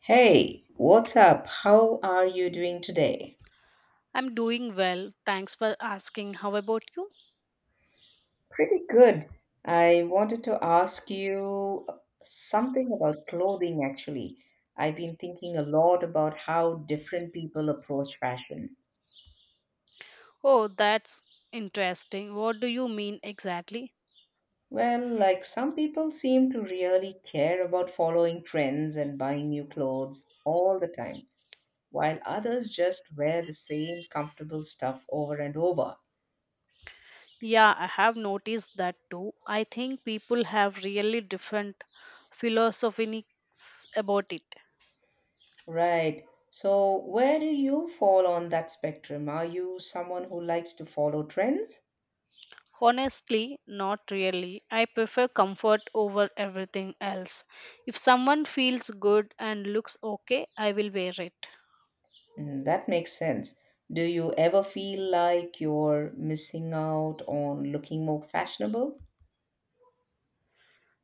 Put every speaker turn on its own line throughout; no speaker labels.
Hey, what's up? How are you doing today?
I'm doing well. Thanks for asking. How about you?
Pretty good. I wanted to ask you something about clothing, actually. I've been thinking a lot about how different people approach fashion.
Oh, that's interesting. What do you mean exactly?
Well, like some people seem to really care about following trends and buying new clothes all the time, while others just wear the same comfortable stuff over and over.
Yeah, I have noticed that too. I think people have really different philosophies about it.
Right. So, where do you fall on that spectrum? Are you someone who likes to follow trends?
Honestly, not really. I prefer comfort over everything else. If someone feels good and looks okay, I will wear it.
Mm, that makes sense. Do you ever feel like you're missing out on looking more fashionable?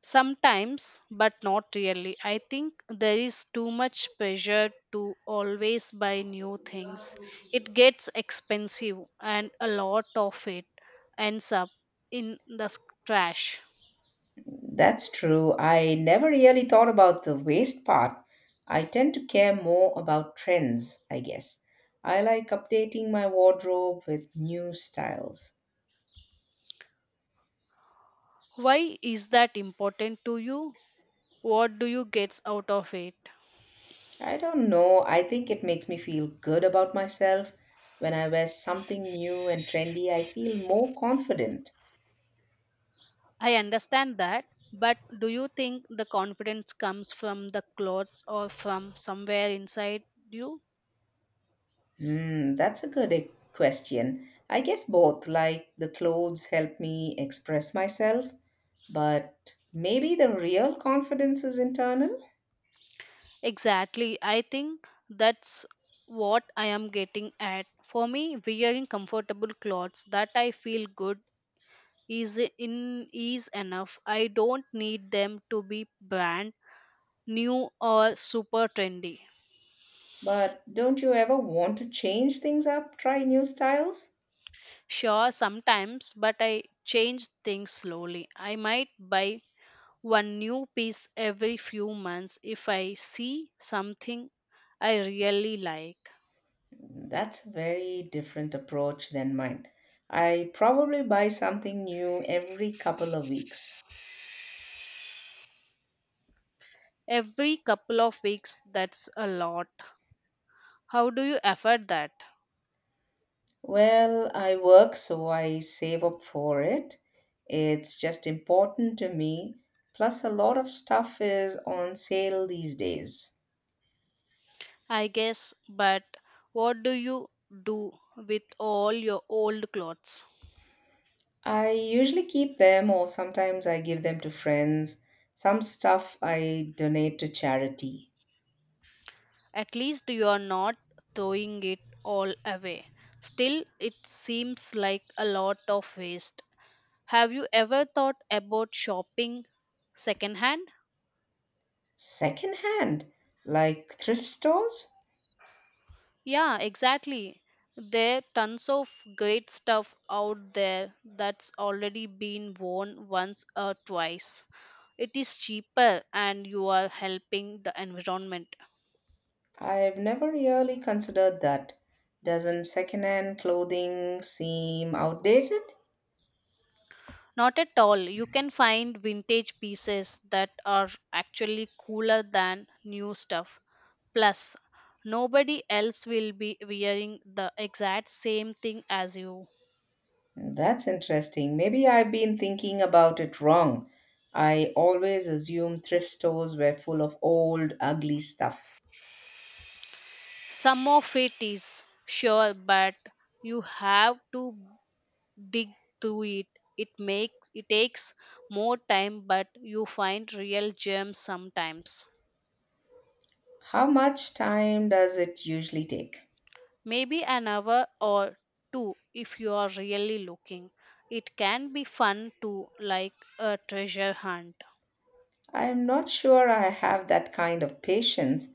Sometimes, but not really. I think there is too much pressure to always buy new things. It gets expensive, and a lot of it ends up in the trash.
That's true. I never really thought about the waist part. I tend to care more about trends, I guess. I like updating my wardrobe with new styles.
Why is that important to you? What do you get out of it?
I don't know. I think it makes me feel good about myself. When I wear something new and trendy, I feel more confident.
I understand that, but do you think the confidence comes from the clothes or from somewhere inside you?
Hmm, that's a good question. I guess both, like the clothes help me express myself, but maybe the real confidence is internal.
Exactly. I think that's what I am getting at. For me, wearing comfortable clothes that I feel good is enough. I don't need them to be brand new or super trendy.
But don't you ever want to change things up, try new styles?
Sure, sometimes, but I change things slowly. I might buy one new piece every few months if I see something I really like.
That's a very different approach than mine. I probably buy something new every couple of weeks.
Every couple of weeks, that's a lot. How do you afford that?
Well, I work, so I save up for it. It's just important to me. Plus, a lot of stuff is on sale these days.
I guess, but what do you do with all your old clothes?
I usually keep them, or sometimes I give them to friends. Some stuff I donate to charity.
At least you are not throwing it all away. Still, it seems like a lot of waste. Have you ever thought about shopping secondhand?
Secondhand, like thrift stores?
Yeah, exactly. There are tons of great stuff out there that's already been worn once or twice. It is cheaper and you are helping the environment.
I've never really considered that. Doesn't secondhand clothing seem outdated?
Not at all. You can find vintage pieces that are actually cooler than new stuff. Plus, nobody else will be wearing the exact same thing as you.
That's interesting. Maybe I've been thinking about it wrong. I always assumed thrift stores were full of old, ugly stuff.
Some of it is sure, but you have to dig to it. Makes it takes more time, but you find real gems sometimes.
How much time does it usually take?
Maybe an hour or two, if you are really looking, it can be fun, to like, a treasure hunt.
I'm not sure I have that kind of patience.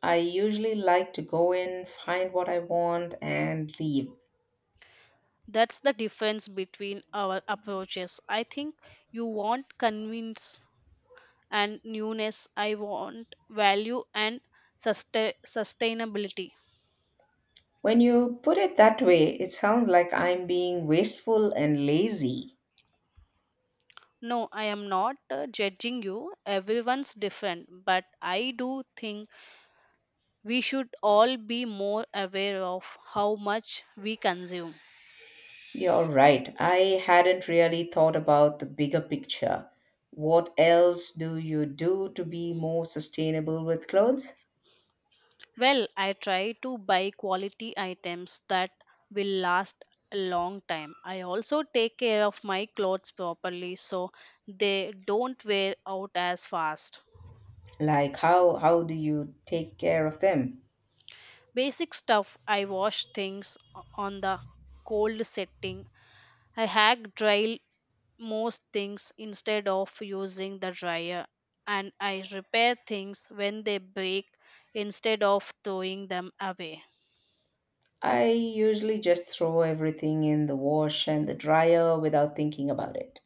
I usually like to go in, find what I want, and leave.
That's the difference between our approaches, I think. You want convince and newness. I want value and sustainability.
When you put it that way, it sounds like I'm being wasteful and lazy.
No, I am not judging you. Everyone's different, but I do think we should all be more aware of how much we consume.
You're right. I hadn't really thought about the bigger picture. What else do you do to be more sustainable with clothes?
Well, I try to buy quality items that will last a long time. I also take care of my clothes properly so they don't wear out as fast.
Like how do you take care of them?
Basic stuff. I wash things on the cold setting. I hack dry most things instead of using the dryer, and I repair things when they break instead of throwing them away.
I usually just throw everything in the wash and the dryer without thinking about it.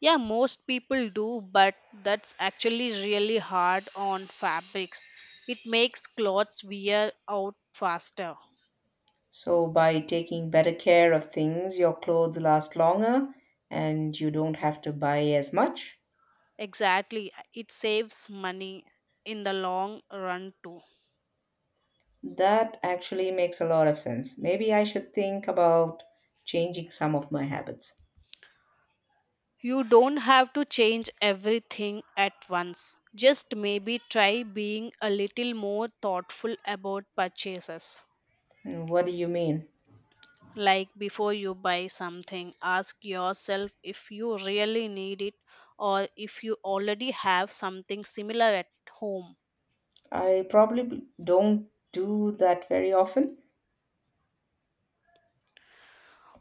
Yeah, most people do, but that's actually really hard on fabrics. It makes clothes wear out faster.
So by taking better care of things, your clothes last longer and you don't have to buy as much.
Exactly, it saves money in the long run too.
That actually makes a lot of sense. Maybe I should think about changing some of my habits.
You don't have to change everything at once. Just maybe try being a little more thoughtful about purchases.
Mm, what do you mean?
Like before you buy something, ask yourself if you really need it or if you already have something similar at home.
I probably don't do that very often.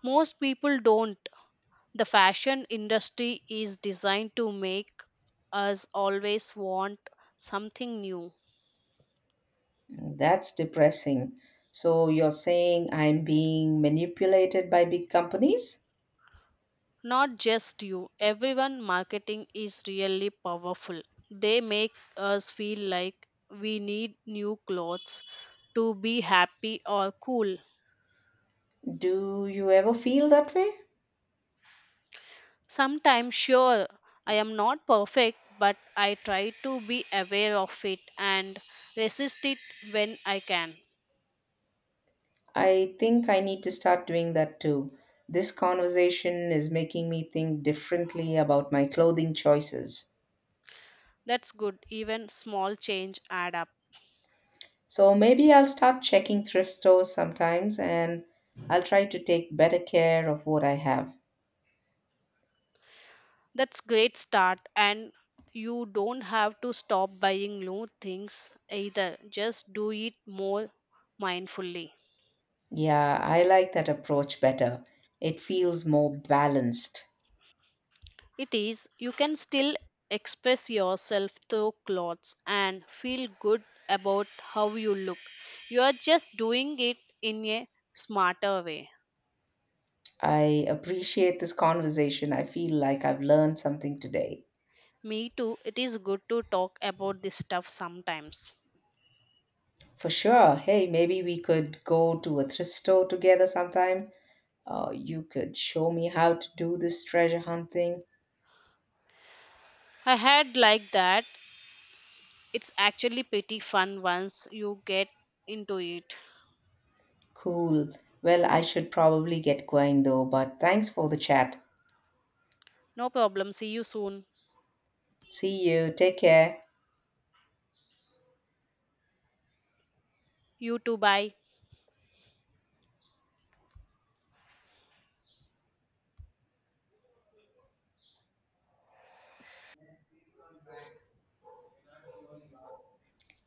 Most people don't. The fashion industry is designed to make us always want something new.
That's depressing. So you're saying I'm being manipulated by big companies?
Not just you, everyone. Marketing is really powerful. They make us feel like we need new clothes to be happy or cool.
Do you ever feel that way?
Sometimes, sure, I am not perfect, but I try to be aware of it and resist it when I can.
I think I need to start doing that too. This conversation is making me think differently about my clothing choices.
That's good. Even small change add up.
So maybe I'll start checking thrift stores sometimes and I'll try to take better care of what I have.
That's great start, and you don't have to stop buying new things either. Just do it more mindfully.
Yeah, I like that approach better. It feels more balanced.
It is. You can still express yourself through clothes and feel good about how you look. You are just doing it in a smarter way.
I appreciate this conversation. I feel like I've learned something today.
Me too. It is good to talk about this stuff sometimes.
For sure. Hey, maybe we could go to a thrift store together sometime. You could show me how to do this treasure hunt thing.
I had like that. It's actually pretty fun once you get into it.
Cool. Well, I should probably get going though, but thanks for the chat.
No problem. See you soon.
See you. Take care.
You too. Bye.